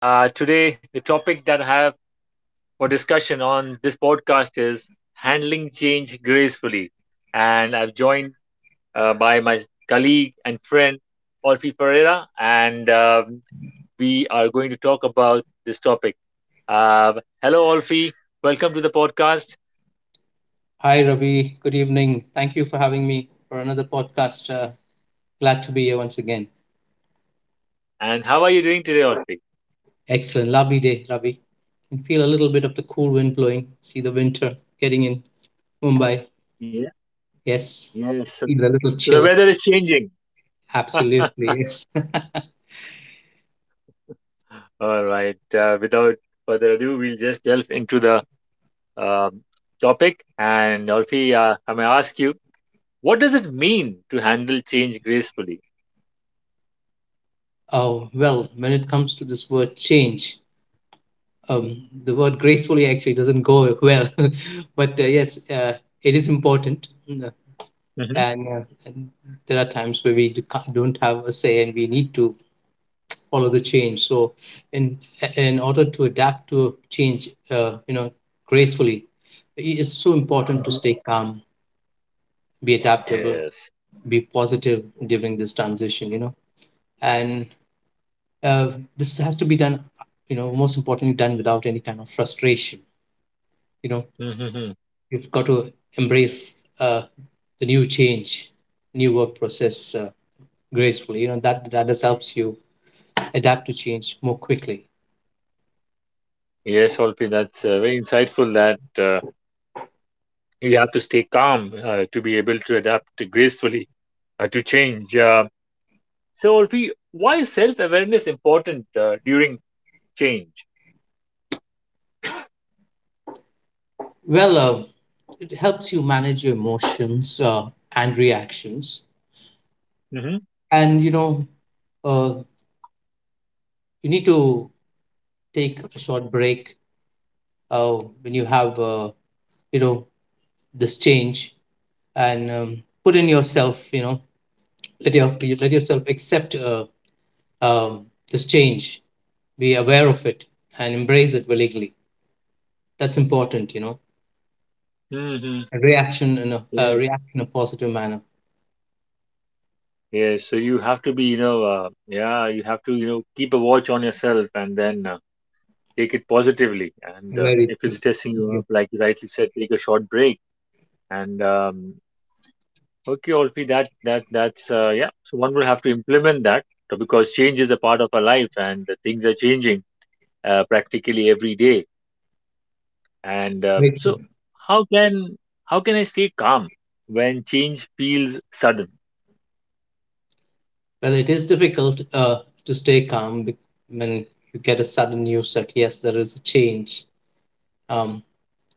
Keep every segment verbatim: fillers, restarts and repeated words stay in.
Uh, today, the topic that I have for discussion on this podcast is handling change gracefully. And I've joined uh, by my colleague and friend, Olfi Ferreira, and um, we are going to talk about this topic. Uh, hello, Olfi. Welcome to the podcast. Hi, Ravi. Good evening. Thank you for having me for another podcast. Uh, glad to be here once again. And how are you doing today, Olfi? Excellent. Lovely day, Ravi. Can feel a little bit of the cool wind blowing. See the winter getting in Mumbai. Yeah, Yes. yes. So Feel a little so the chill. weather is changing. Absolutely. Yes. All right. Uh, without further ado, we'll just delve into the um topic. And Alfie, uh, I may ask you, what does it mean to handle change gracefully? oh, well, when it comes to this word change, um, the word gracefully actually doesn't go well. but uh, yes, uh, it is important. hmm And, uh, and there are times where we do- can't- don't have a say and we need to follow the change. So, in in order to adapt to change, uh, you know, gracefully, it's so important to hmm stay calm, be adaptable, Yes. be positive during this transition. You know, and uh, this has to be done. You know, most importantly, done without any kind of frustration. You know, hmm you've got to embrace uh, the new change, new work process uh, gracefully. You know, that that just helps you adapt to change more quickly. Yes, Alfie, that's uh, very insightful that uh, you have to stay calm uh, to be able to adapt gracefully uh, to change. Uh, so, Alfie, why is self-awareness important uh, during change? Well. Uh, It helps you manage your emotions uh, and reactions. And you know, uh, you need to take a short break uh, when you have uh, you know this change and um, put in yourself. You know, let your let yourself accept uh, um, this change. Be aware of it and embrace it willingly. That's important. You know, Mm-hmm. a reaction in a uh, hmm react in a positive manner. Yeah, so you have to be, you know, uh, yeah, you have to, you know, keep a watch on yourself and then uh, take it positively. And uh, Very if true. it's testing you Yes, up, like you rightly said, take a short break. And um, okay, Olfi, that that that's uh, yeah. So one will have to implement that uh, because change is a part of our life, and the things are changing uh, practically every day. And uh, very true. so, how can how can I stay calm when change feels sudden? Well, it is difficult uh, to stay calm be- when you get a sudden news that yes, there is a change, um,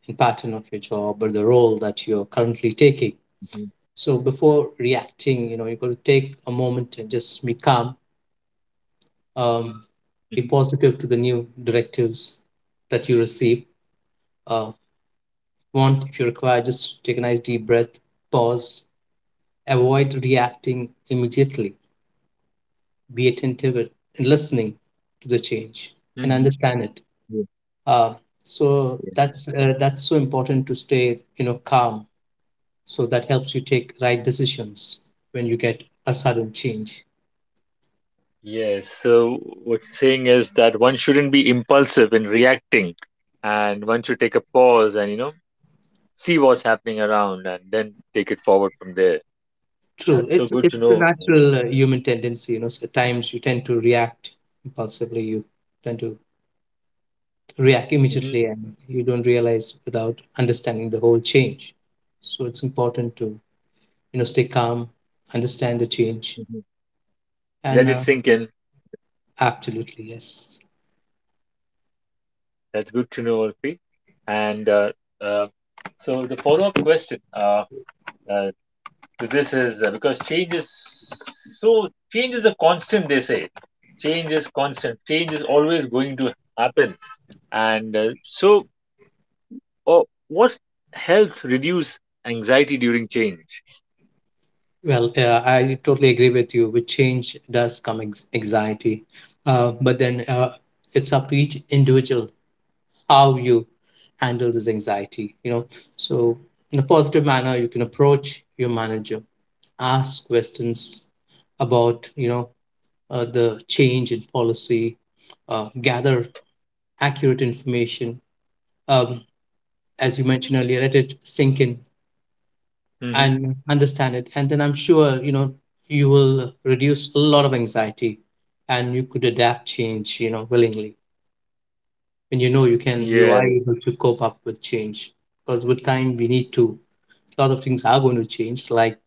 in pattern of your job or the role that you're currently taking. Mhm, So before reacting, you know, you've got to take a moment and just be calm, um, be mhm, positive to the new directives that you receive. Uh, want, if you require, just take a nice deep breath, pause, avoid reacting immediately, be attentive and listening to the change and mhm. understand it. Yeah, Uh, so yeah. that's uh, that's so important to stay, you know, calm. So that helps you take right decisions when you get a sudden change. Yes, so what you're saying is that one shouldn't be impulsive in reacting and one should take a pause and, you know, see what's happening around and then take it forward from there. True, That's so it's good to it's a know. natural uh, human tendency. You know, so at times you tend to react impulsively. You tend to react hmm immediately, and you don't realize without understanding the whole change. So it's important to you know stay calm, understand the change, hmm Let and it uh, sink in. absolutely yes. That's good to know, Urfi. And uh, uh, so the follow-up question uh, uh, to this is uh, because change is so change is a constant, they say. Change is constant. Change is always going to happen. And uh, so Or what helps reduce anxiety during change? Well, uh, I totally agree with you. With change does come ex- anxiety, uh, but then uh, it's up to each individual how you handle this anxiety. You know, so in a positive manner, you can approach your manager, ask questions about you know uh, the change in policy, uh, gather accurate information. Um, as you mentioned earlier, let it sink in hmm and understand it, and then I'm sure you know you will reduce a lot of anxiety and you could adapt change you know willingly when you know you can you Yeah, are able to cope up with change because with time we need to a lot of things are going to change like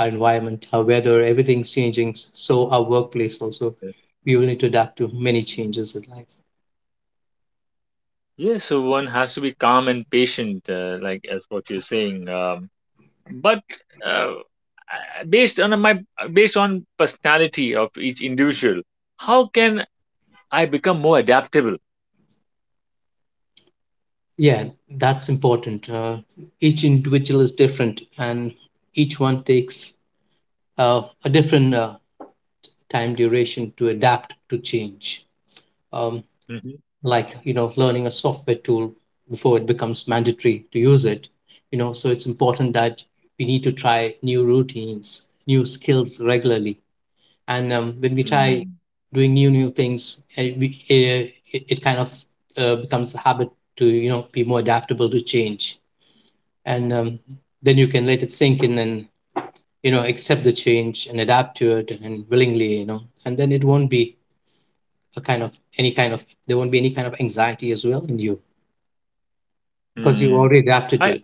our environment, our weather, everything's changing, so our workplace also we will need to adapt to many changes in life. yeah. So one has to be calm and patient, uh, like as what you're saying. Um, but uh, I- based on my based on personality of each individual, how can I become more adaptable? Yeah, that's important. Uh, each individual is different and each one takes uh, a different uh, time duration to adapt to change. Um, hmm like you know, learning a software tool before it becomes mandatory to use it. You know, so it's important that we need to try new routines, new skills regularly. And um, when we try doing new new things, it, we- eh, it, it kind of uh, becomes a habit to you know be more adaptable to change. And um, then you can let it sink in and you know accept the change and adapt to it and willingly you know, and then it won't be a kind of any kind of there won't be any kind of anxiety as well in you because you've Mm-hmm. already adapted to I it.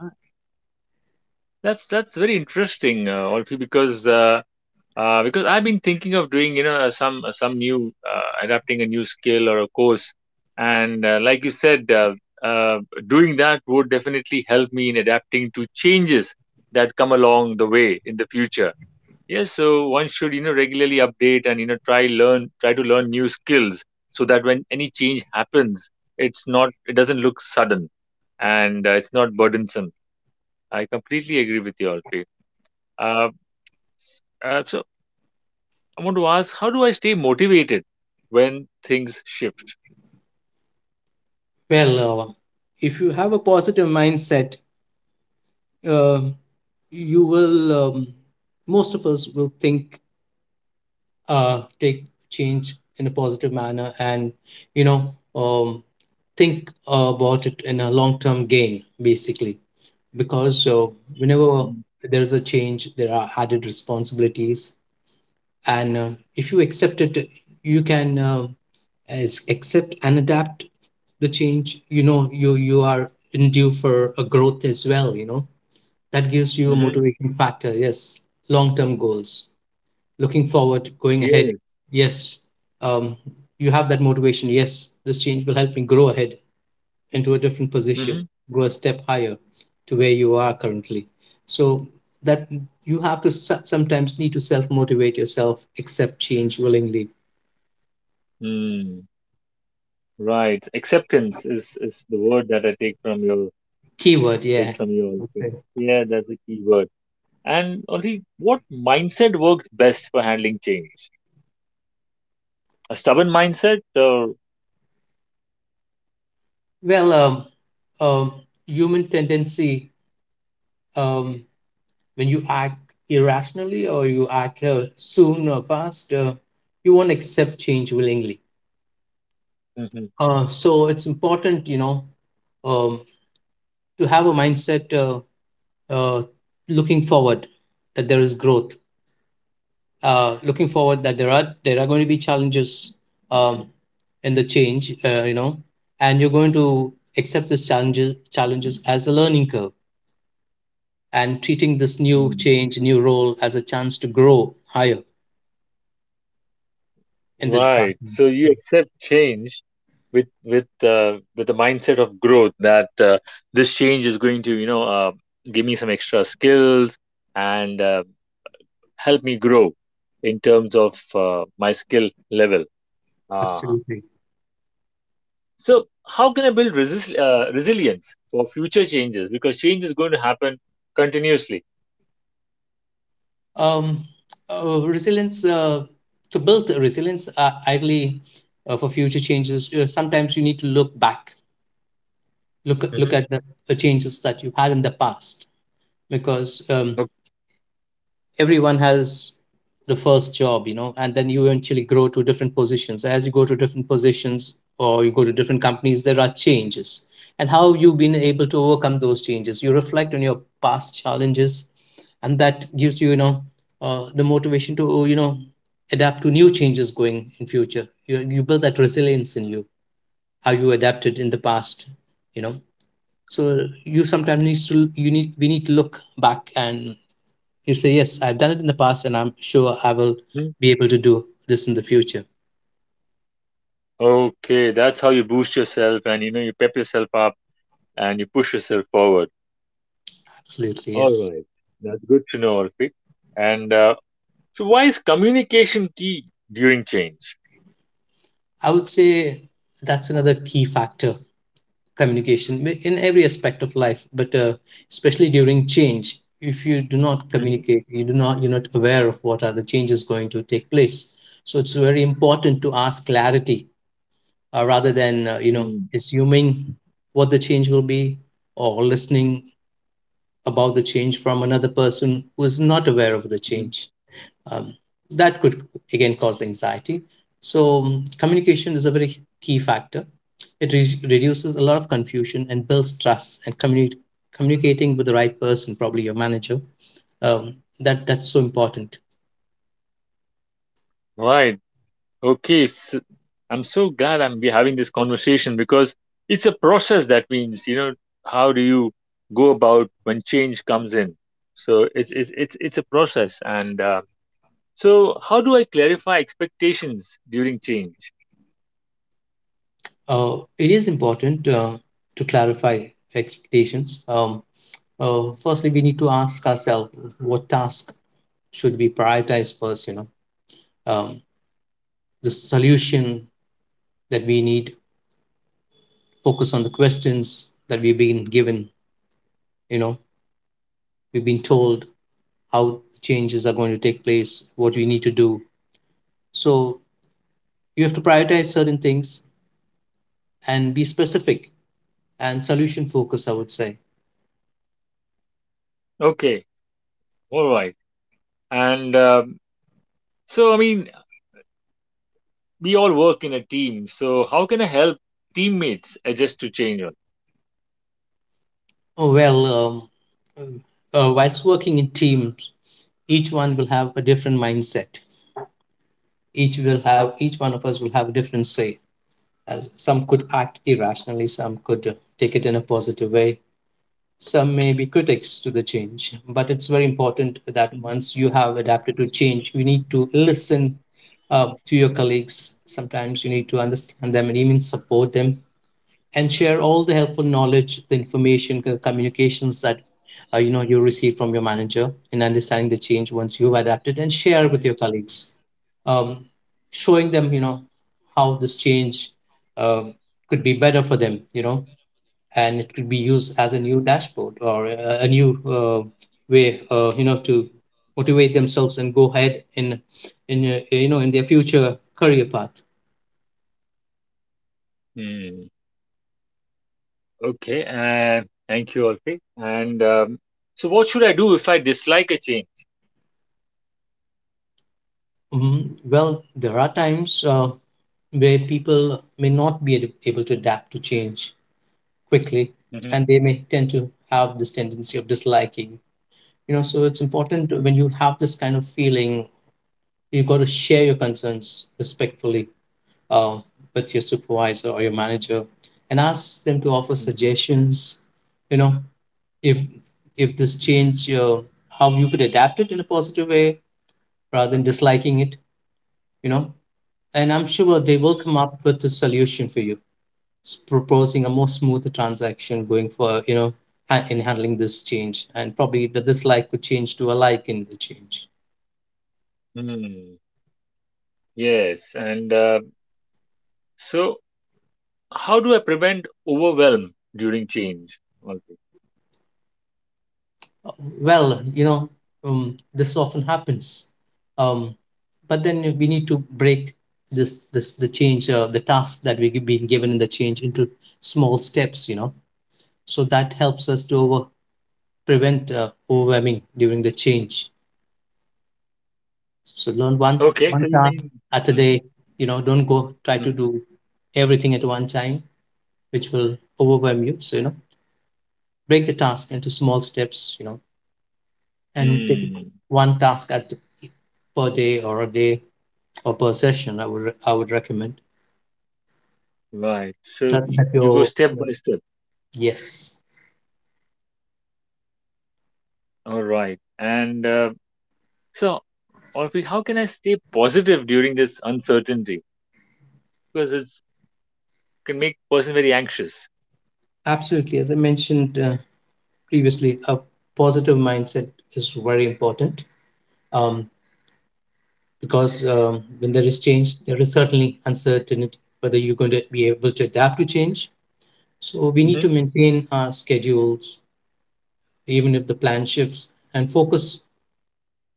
that's that's very interesting, uh, Alfie, because uh, Uh, because I've been thinking of doing, you know, uh, some uh, some new uh, adapting a new skill or a course, and uh, like you said, uh, uh, doing that would definitely help me in adapting to changes that come along the way in the future. Yes, so one should, you know, regularly update and you know try learn try to learn new skills so that when any change happens, it's not it doesn't look sudden, and uh, it's not burdensome. I completely agree with you, Alfie. Uh, uh, so I want to ask, how do I stay motivated when things shift? Well, uh, if you have a positive mindset, um you will um, most of us will think, uh, take change in a positive manner and you know um, think about it in a long term gain basically because uh, whenever there is a change there are added responsibilities, and uh, if you accept it you can uh, as accept and adapt the change, you know you you are in due for a growth as well, you know, that gives you a Mm-hmm. motivating factor. Yes, long term goals, looking forward, going ahead. Yes. Yes, um, you have that motivation, yes, this change will help me grow ahead into a different position, Mm-hmm. go a step higher to where you are currently. So that you have to so- sometimes need to self motivate yourself, accept change willingly. Mm. Right. Acceptance is, is the word that I take from your Keyword, take yeah. from you also. Yeah, that's a key word. And only what mindset works best for handling change? A stubborn mindset or Well, um, um, human tendency, um, when you act irrationally or you act uh, soon or fast, uh, you won't accept change willingly. Mhm. Uh, so it's important, you know, um, to have a mindset uh, uh, looking forward that there is growth, uh, looking forward that there are there are going to be challenges um, in the change, uh, you know, and you're going to accept these challenges challenges as a learning curve and treating this new Mm. change, new role as a chance to grow higher in the Right. department. So you Yeah, accept change with with uh, with the mindset of growth that uh, this change is going to, you know, uh, give me some extra skills and uh, help me grow in terms of uh, my skill level. Uh, absolutely. so how can I build resist, uh, resilience for future changes? Because change is going to happen continuously. Um, uh, Resilience, uh, to build resilience uh, ideally uh, for future changes. Uh, sometimes you need to look back, look at- hmm look at the, the changes that you had in the past, because um, everyone has the first job you know, and then you eventually grow to different positions. As you go to different positions or you go to different companies there are changes, and how you've been able to overcome those changes, you reflect on your past challenges, and that gives you you know uh, the motivation to oh, you know adapt to new changes going in future. You, you build that resilience in you, how you adapted in the past, you know. So you sometimes needs to you need we need to look back and you say, yes, I've done it in the past and I'm sure I will Okay. be able to do this in the future. Okay, that's how you boost yourself and you know you pep yourself up and you push yourself forward. Absolutely, All yes. right, that's good to know, Arpit. And uh, so, why is communication key during change? I would say that's another key factor, communication, in every aspect of life, but uh, especially during change. If you do not Mhm. communicate, you do not, you're not aware of what are the changes going to take place. So it's very important to ask clarity uh, rather than, uh, you know, Mm, assuming what the change will be or listening about the change from another person who is not aware of the mhm. change. Um, that could again cause anxiety. So, um, communication is a very key factor. It re- reduces a lot of confusion and builds trust, and communi- communicating with the right person, probably your manager. Um, that that's so important. Right. Okay. So I'm so glad I'm be having this conversation because it's a process that means you know how do you go about when change comes in. So it's it's it's it's a process, and uh, so how do I clarify expectations during change? Uh, it is important uh, to clarify expectations. Um, uh, firstly, we need to ask ourselves what task should we prioritize first. You know, um, the solution that we need. Focus on the questions that we've been given, you know, we've been told how changes are going to take place, what we need to do. So you have to prioritize certain things and be specific and solution focused, I would say. Okay. All right. And um so I mean, we all work in a team. So how can I help teammates adjust to change? oh, well, um, uh, whilst working in teams, each one will have a different mindset, each will have each one of us will have a different say, as some could act irrationally, some could uh, take it in a positive way. Some may be critics to the change, but it's very important that once you have adapted to change, you need to listen uh, to your colleagues. Sometimes you need to understand them and even support them and share all the helpful knowledge, the information, the communications that uh, you know you receive from your manager in understanding the change once you've adapted, and share with your colleagues, um, showing them you know how this change um could be better for them. You know, and it could be used as a new dashboard or a, a new uh, way uh, you know to motivate themselves and go ahead in in uh, you know in their future career path. Hmm. Okay, uh, thank you, Alfie. And um, so, what should I do if I dislike a change? Mhm. Well, there are times uh, where people may not be ad- able to adapt to change quickly, hmm and they may tend to have this tendency of disliking, you know. So it's important when you have this kind of feeling, you got to share your concerns respectfully, uh, with your supervisor or your manager, and ask them to offer suggestions, you know, if if this change uh, how you could adapt it in a positive way rather than disliking it, you know. And I'm sure they will come up with a solution for you, s- proposing a more smoother transaction going for, you know, ha- in handling this change, and probably the dislike could change to a like in the change. hmm Yes, and uh, so how do I prevent overwhelm during change, Alfie? Well, you know, um, this often happens. um, but then we need to break this this the change, uh, the task that we've been given in the change into small steps, you know. So that helps us to over, prevent uh, overwhelming during the change. So learn one Okay, one so you task mean, at a hmm day. You know, don't go try to do everything at one time, which will overwhelm you. So you know, break the task into small steps, you know, and take hmm one task at per day or a day, or per session, i would i would recommend right? So that y- that you go your step by step. yes. All right, and uh, so, Alfie, how can I stay positive during this uncertainty? Because it's can make person very anxious. Absolutely, as I mentioned uh, previously, a positive mindset is very important. um, because um, when there is change, there is certainly uncertainty whether you're going to be able to adapt to change. So we need hmm to maintain our schedules even if the plan shifts, and focus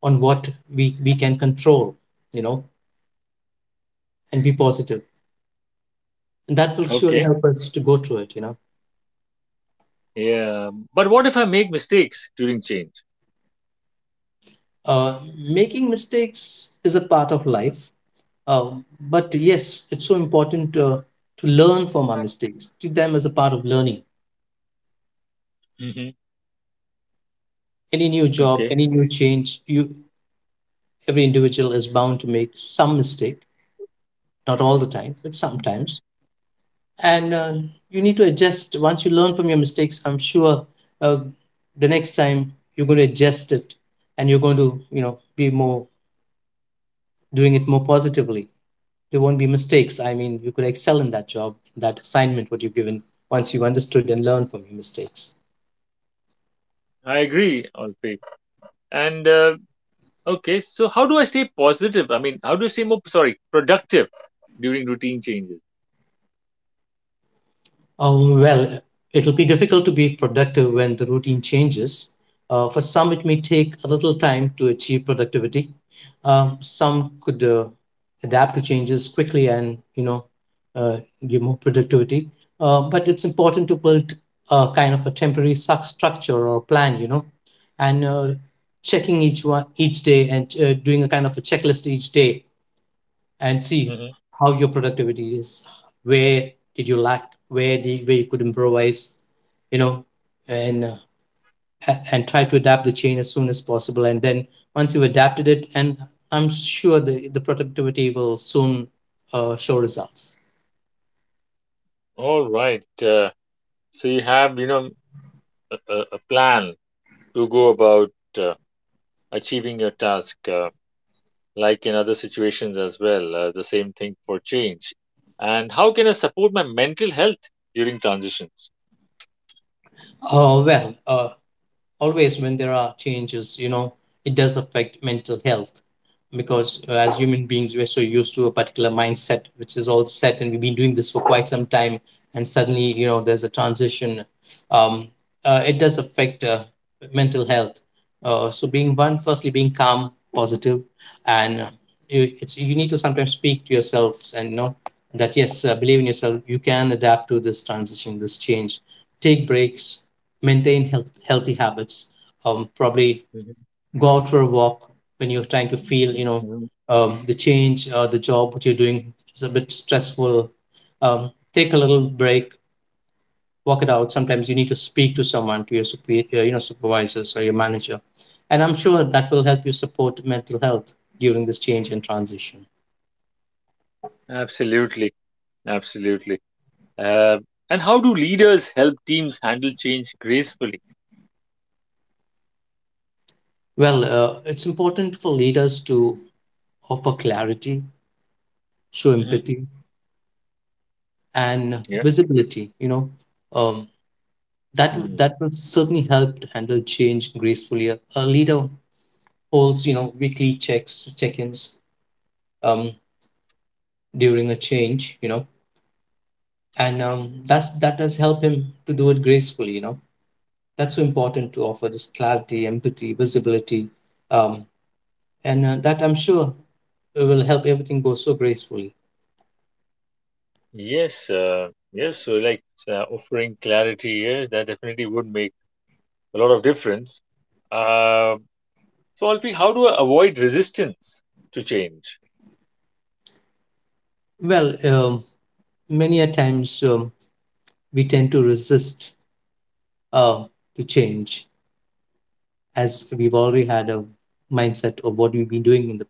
on what we, we can control, you know, and be positive, and that will surely Okay. help us to go through it, you know. Yeah, but what if I make mistakes during change? Uh, making mistakes is a part of life. Uh, but yes, it's so important uh, to learn from our mistakes, treat them as a part of learning. hmm Any new job, Okay. any new change, you every individual is bound to make some mistake, not all the time, but Yeah. sometimes. And uh, you need to adjust. Once you learn from your mistakes, I'm sure uh, the next time you're going to adjust it, and you're going to, you know, be more doing it more positively. There won't be mistakes. I mean, you could excel in that job, that assignment, what you've given, once you've understood and learned from your mistakes. I agree, Alpay. And uh, okay, so how do I stay positive? I mean, how do I stay more, sorry, productive during routine changes? Um, well, it'll be difficult to be productive when the routine changes. Uh, for some, it may take a little time to achieve productivity. Um, some could uh, adapt to changes quickly, and you know, uh, give more productivity. Uh, but it's important to build a kind of a temporary suc- structure or plan, you know, and uh, checking each one each day, and uh, doing a kind of a checklist each day, and see hmm how your productivity is, where did you lack, where the where you could improvise, you know, and uh, ha- and try to adapt the chain as soon as possible, and then once you've adapted it, and I'm sure the the productivity will soon uh, show results. All right. Uh, so you have, you know, a, a a plan to go about uh, achieving your task, uh, like in other situations as well. Uh, the same thing for change. And how can I support my mental health during transitions? uh, well, uh, always when there are changes, you know, it does affect mental health, because uh, as human beings, we're so used to a particular mindset which is all set, and we've been doing this for quite some time, and suddenly, you know, there's a transition. um, uh, it does affect uh, mental health. uh, so being one, firstly being calm, positive, and uh, you, it's you need to sometimes speak to yourselves and know that yes, uh, believe in yourself, you can adapt to this transition, this change. Take breaks, maintain health, healthy habits. um, probably go out for a walk when you're trying to feel, you know, um, the change, uh, the job what you're doing is a bit stressful. um, take a little break, walk it out. Sometimes you need to speak to someone, to your superior, you know, supervisors or your manager, and I'm sure that will help you support mental health during this change and transition. Absolutely. Absolutely. Uh, and how do leaders help teams handle change gracefully? Well, uh, it's important for leaders to offer clarity, show hmm empathy, and Yeah. visibility, you know. um, that w- Hmm. that will certainly help to handle change gracefully. A, a leader holds, you know, weekly checks, check-ins, um, during a change, you know, and um, that's that does help him to do it gracefully. You know, that's so important to offer this clarity, empathy, visibility, um, and uh, that, I'm sure, will help everything go so gracefully. Yes. Uh, yes. So, like so, uh, offering clarity here, that definitely would make a lot of difference. Uh, so, Alfie, how do I avoid resistance to change? Well, um, many a times, um, we tend to resist uh, to change, as we've already had a mindset of what we've been doing in the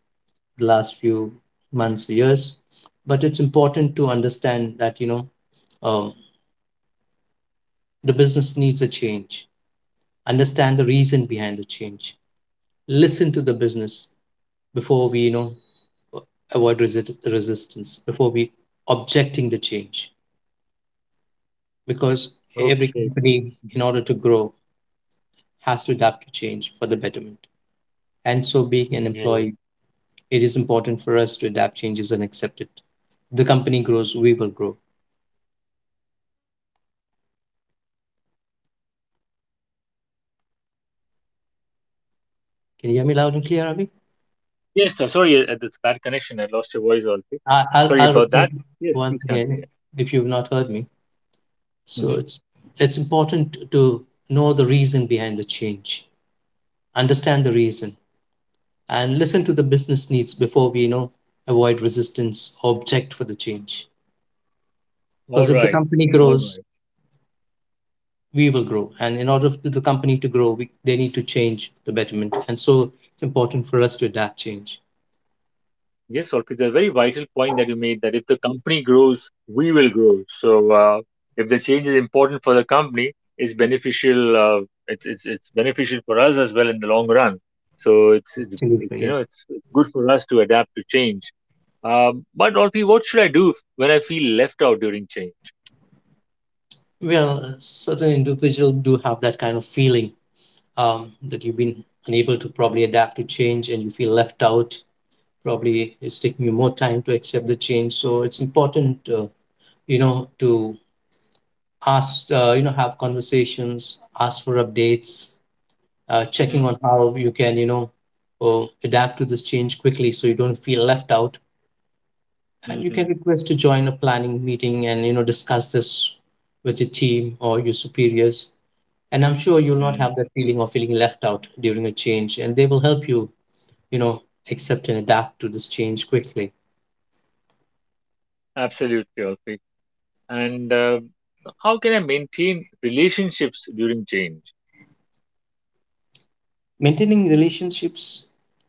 the last few months or years. But it's important to understand that, you know, um, the business needs a change. Understand the reason behind the change. Listen to the business before we, you know, avoid resist- resistance. Before we objecting the change, because every Okay. company, in Mhm. order to grow, has to adapt to change for the betterment. And so, being an Yeah. employee, it is important for us to adapt changes and accept it. The company grows, we will grow. Can you hear me loud and clear, Abhi? Yes. So, sorry, uh, that's a bad connection. I lost your voice, Alfie. I- I'll Sorry I'll about that. repeat Yes. once Please again continue. if you've not heard me. So Mhm. it's it's important to know the reason behind the change, understand the reason, and listen to the business needs before we, you know, avoid resistance or object for the change. All Because if the right. company All grows, right. we will grow, and in order for the company to grow, we, they need to change the betterment, and so it's important for us to adapt change. Yes, Orpit, a very vital point that you made that if the company grows, we will grow. So uh, if the change is important for the company, it's beneficial. Uh, it's it's it's beneficial for us as well in the long run. So it's it's it's Absolutely, you yeah. know it's it's good for us to adapt to change. Um, but Orpit, what should I do if- when I feel left out during change? Well, certain individuals do have that kind of feeling, um, that you've been unable to probably adapt to change and you feel left out. Probably it's taking you more time to accept the change, so it's important, uh, you know, to ask, uh, you know, have conversations, ask for updates, uh, checking hmm on how you can, you know, uh, adapt to this change quickly so you don't feel left out, and you can hmm request to join a planning meeting, and you know, discuss this with your team or your superiors, and I'm sure you'll not hmm have that feeling of feeling left out during a change, and they will help you, you know, accept and adapt to this change quickly. Absolutely, Orpit. And uh, how can I maintain relationships during change? Maintaining relationships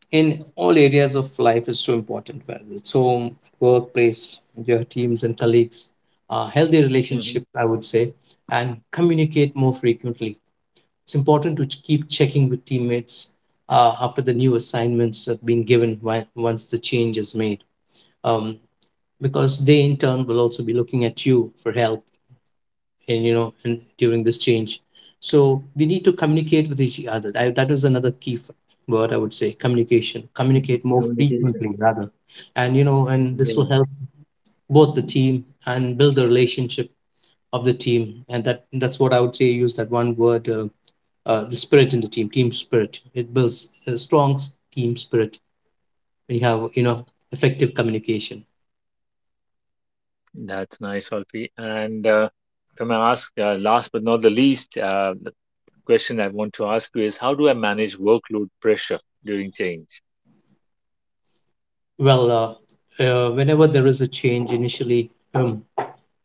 in all areas of life is so important, whether it's home, workplace, your teams and colleagues, uh, healthy relationship, hmm I would say, and communicate more frequently. It's important to ch- keep checking with teammates uh, after the new assignments have been given, wi- once the change is made. um, because they in turn will also be looking at you for help, and you know, and during this change, so we need to communicate with each other. I, that is another key f- word, I would say, communication. Hmm communicate more Communication. frequently rather, and you know, and this will help both the team and build the relationship of the team. And that that's what I would say, use that one word, uh, uh, the spirit in the team, team spirit. It builds a strong s- team spirit when you have, you know, effective communication. That's nice, Alfie. And uh, if I may ask, uh, last but not the least, uh, the question I want to ask you is how do I manage workload pressure during change? Well, uh, uh, whenever there is a change initially, um,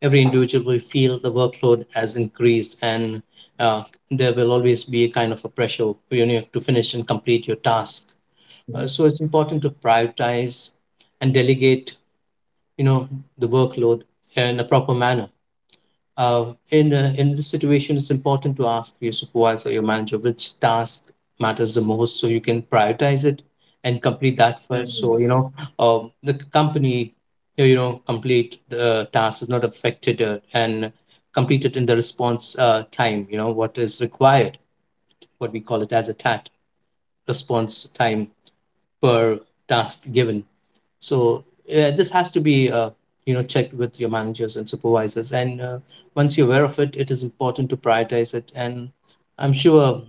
every individual will feel the workload has increased, and uh, there will always be a kind of a pressure, you know, to finish and complete your task. uh, Mhm. so it's important to prioritize and delegate, you know, the workload in a proper manner. uh, in uh, in this situation, it's important to ask your supervisor, your manager, which task matters the most, so you can prioritize it and complete that first. So Mhm. you know, uh, the company, you you know, complete the task is not affected, uh, and complete it in the response uh, time. You know what is required, what we call it as a T A T, response time per task given. So yeah, this has to be, uh, you know, checked with your managers and supervisors. And uh, once you're aware of it, it is important to prioritize it. And I'm sure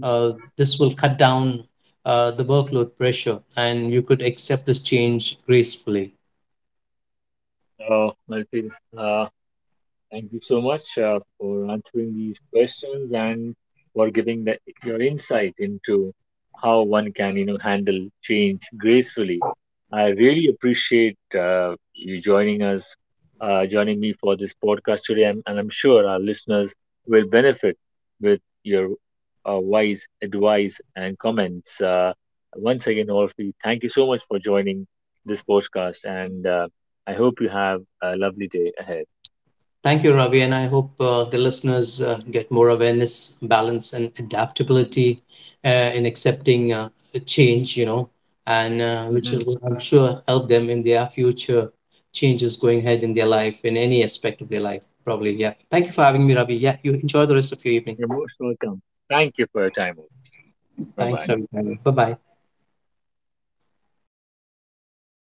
uh, this will cut down uh, the workload pressure, and you could accept this change gracefully. Oh, Alfie, uh, thank you so much uh, for answering these questions and for giving the, your insight into how one can, you know, handle change gracefully. I really appreciate uh, you joining us, uh, joining me for this podcast today, and, and I'm sure our listeners will benefit with your uh, wise advice and comments. Uh, once again, all of you, thank you so much for joining this podcast, and uh, I hope you have a lovely day ahead. Thank you, Ravi, and I hope uh, the listeners uh, get more awareness, balance, and adaptability uh, in accepting uh, change. You know, and uh, which Mhm. will, I'm sure, help them in their future changes going ahead in their life, in any aspect of their life. Probably, yeah. Thank you for having me, Ravi. Yeah, you enjoy the rest of your evening. You're most welcome. Thank you for your time. Bye Thanks, bye. Ravi. Bye bye.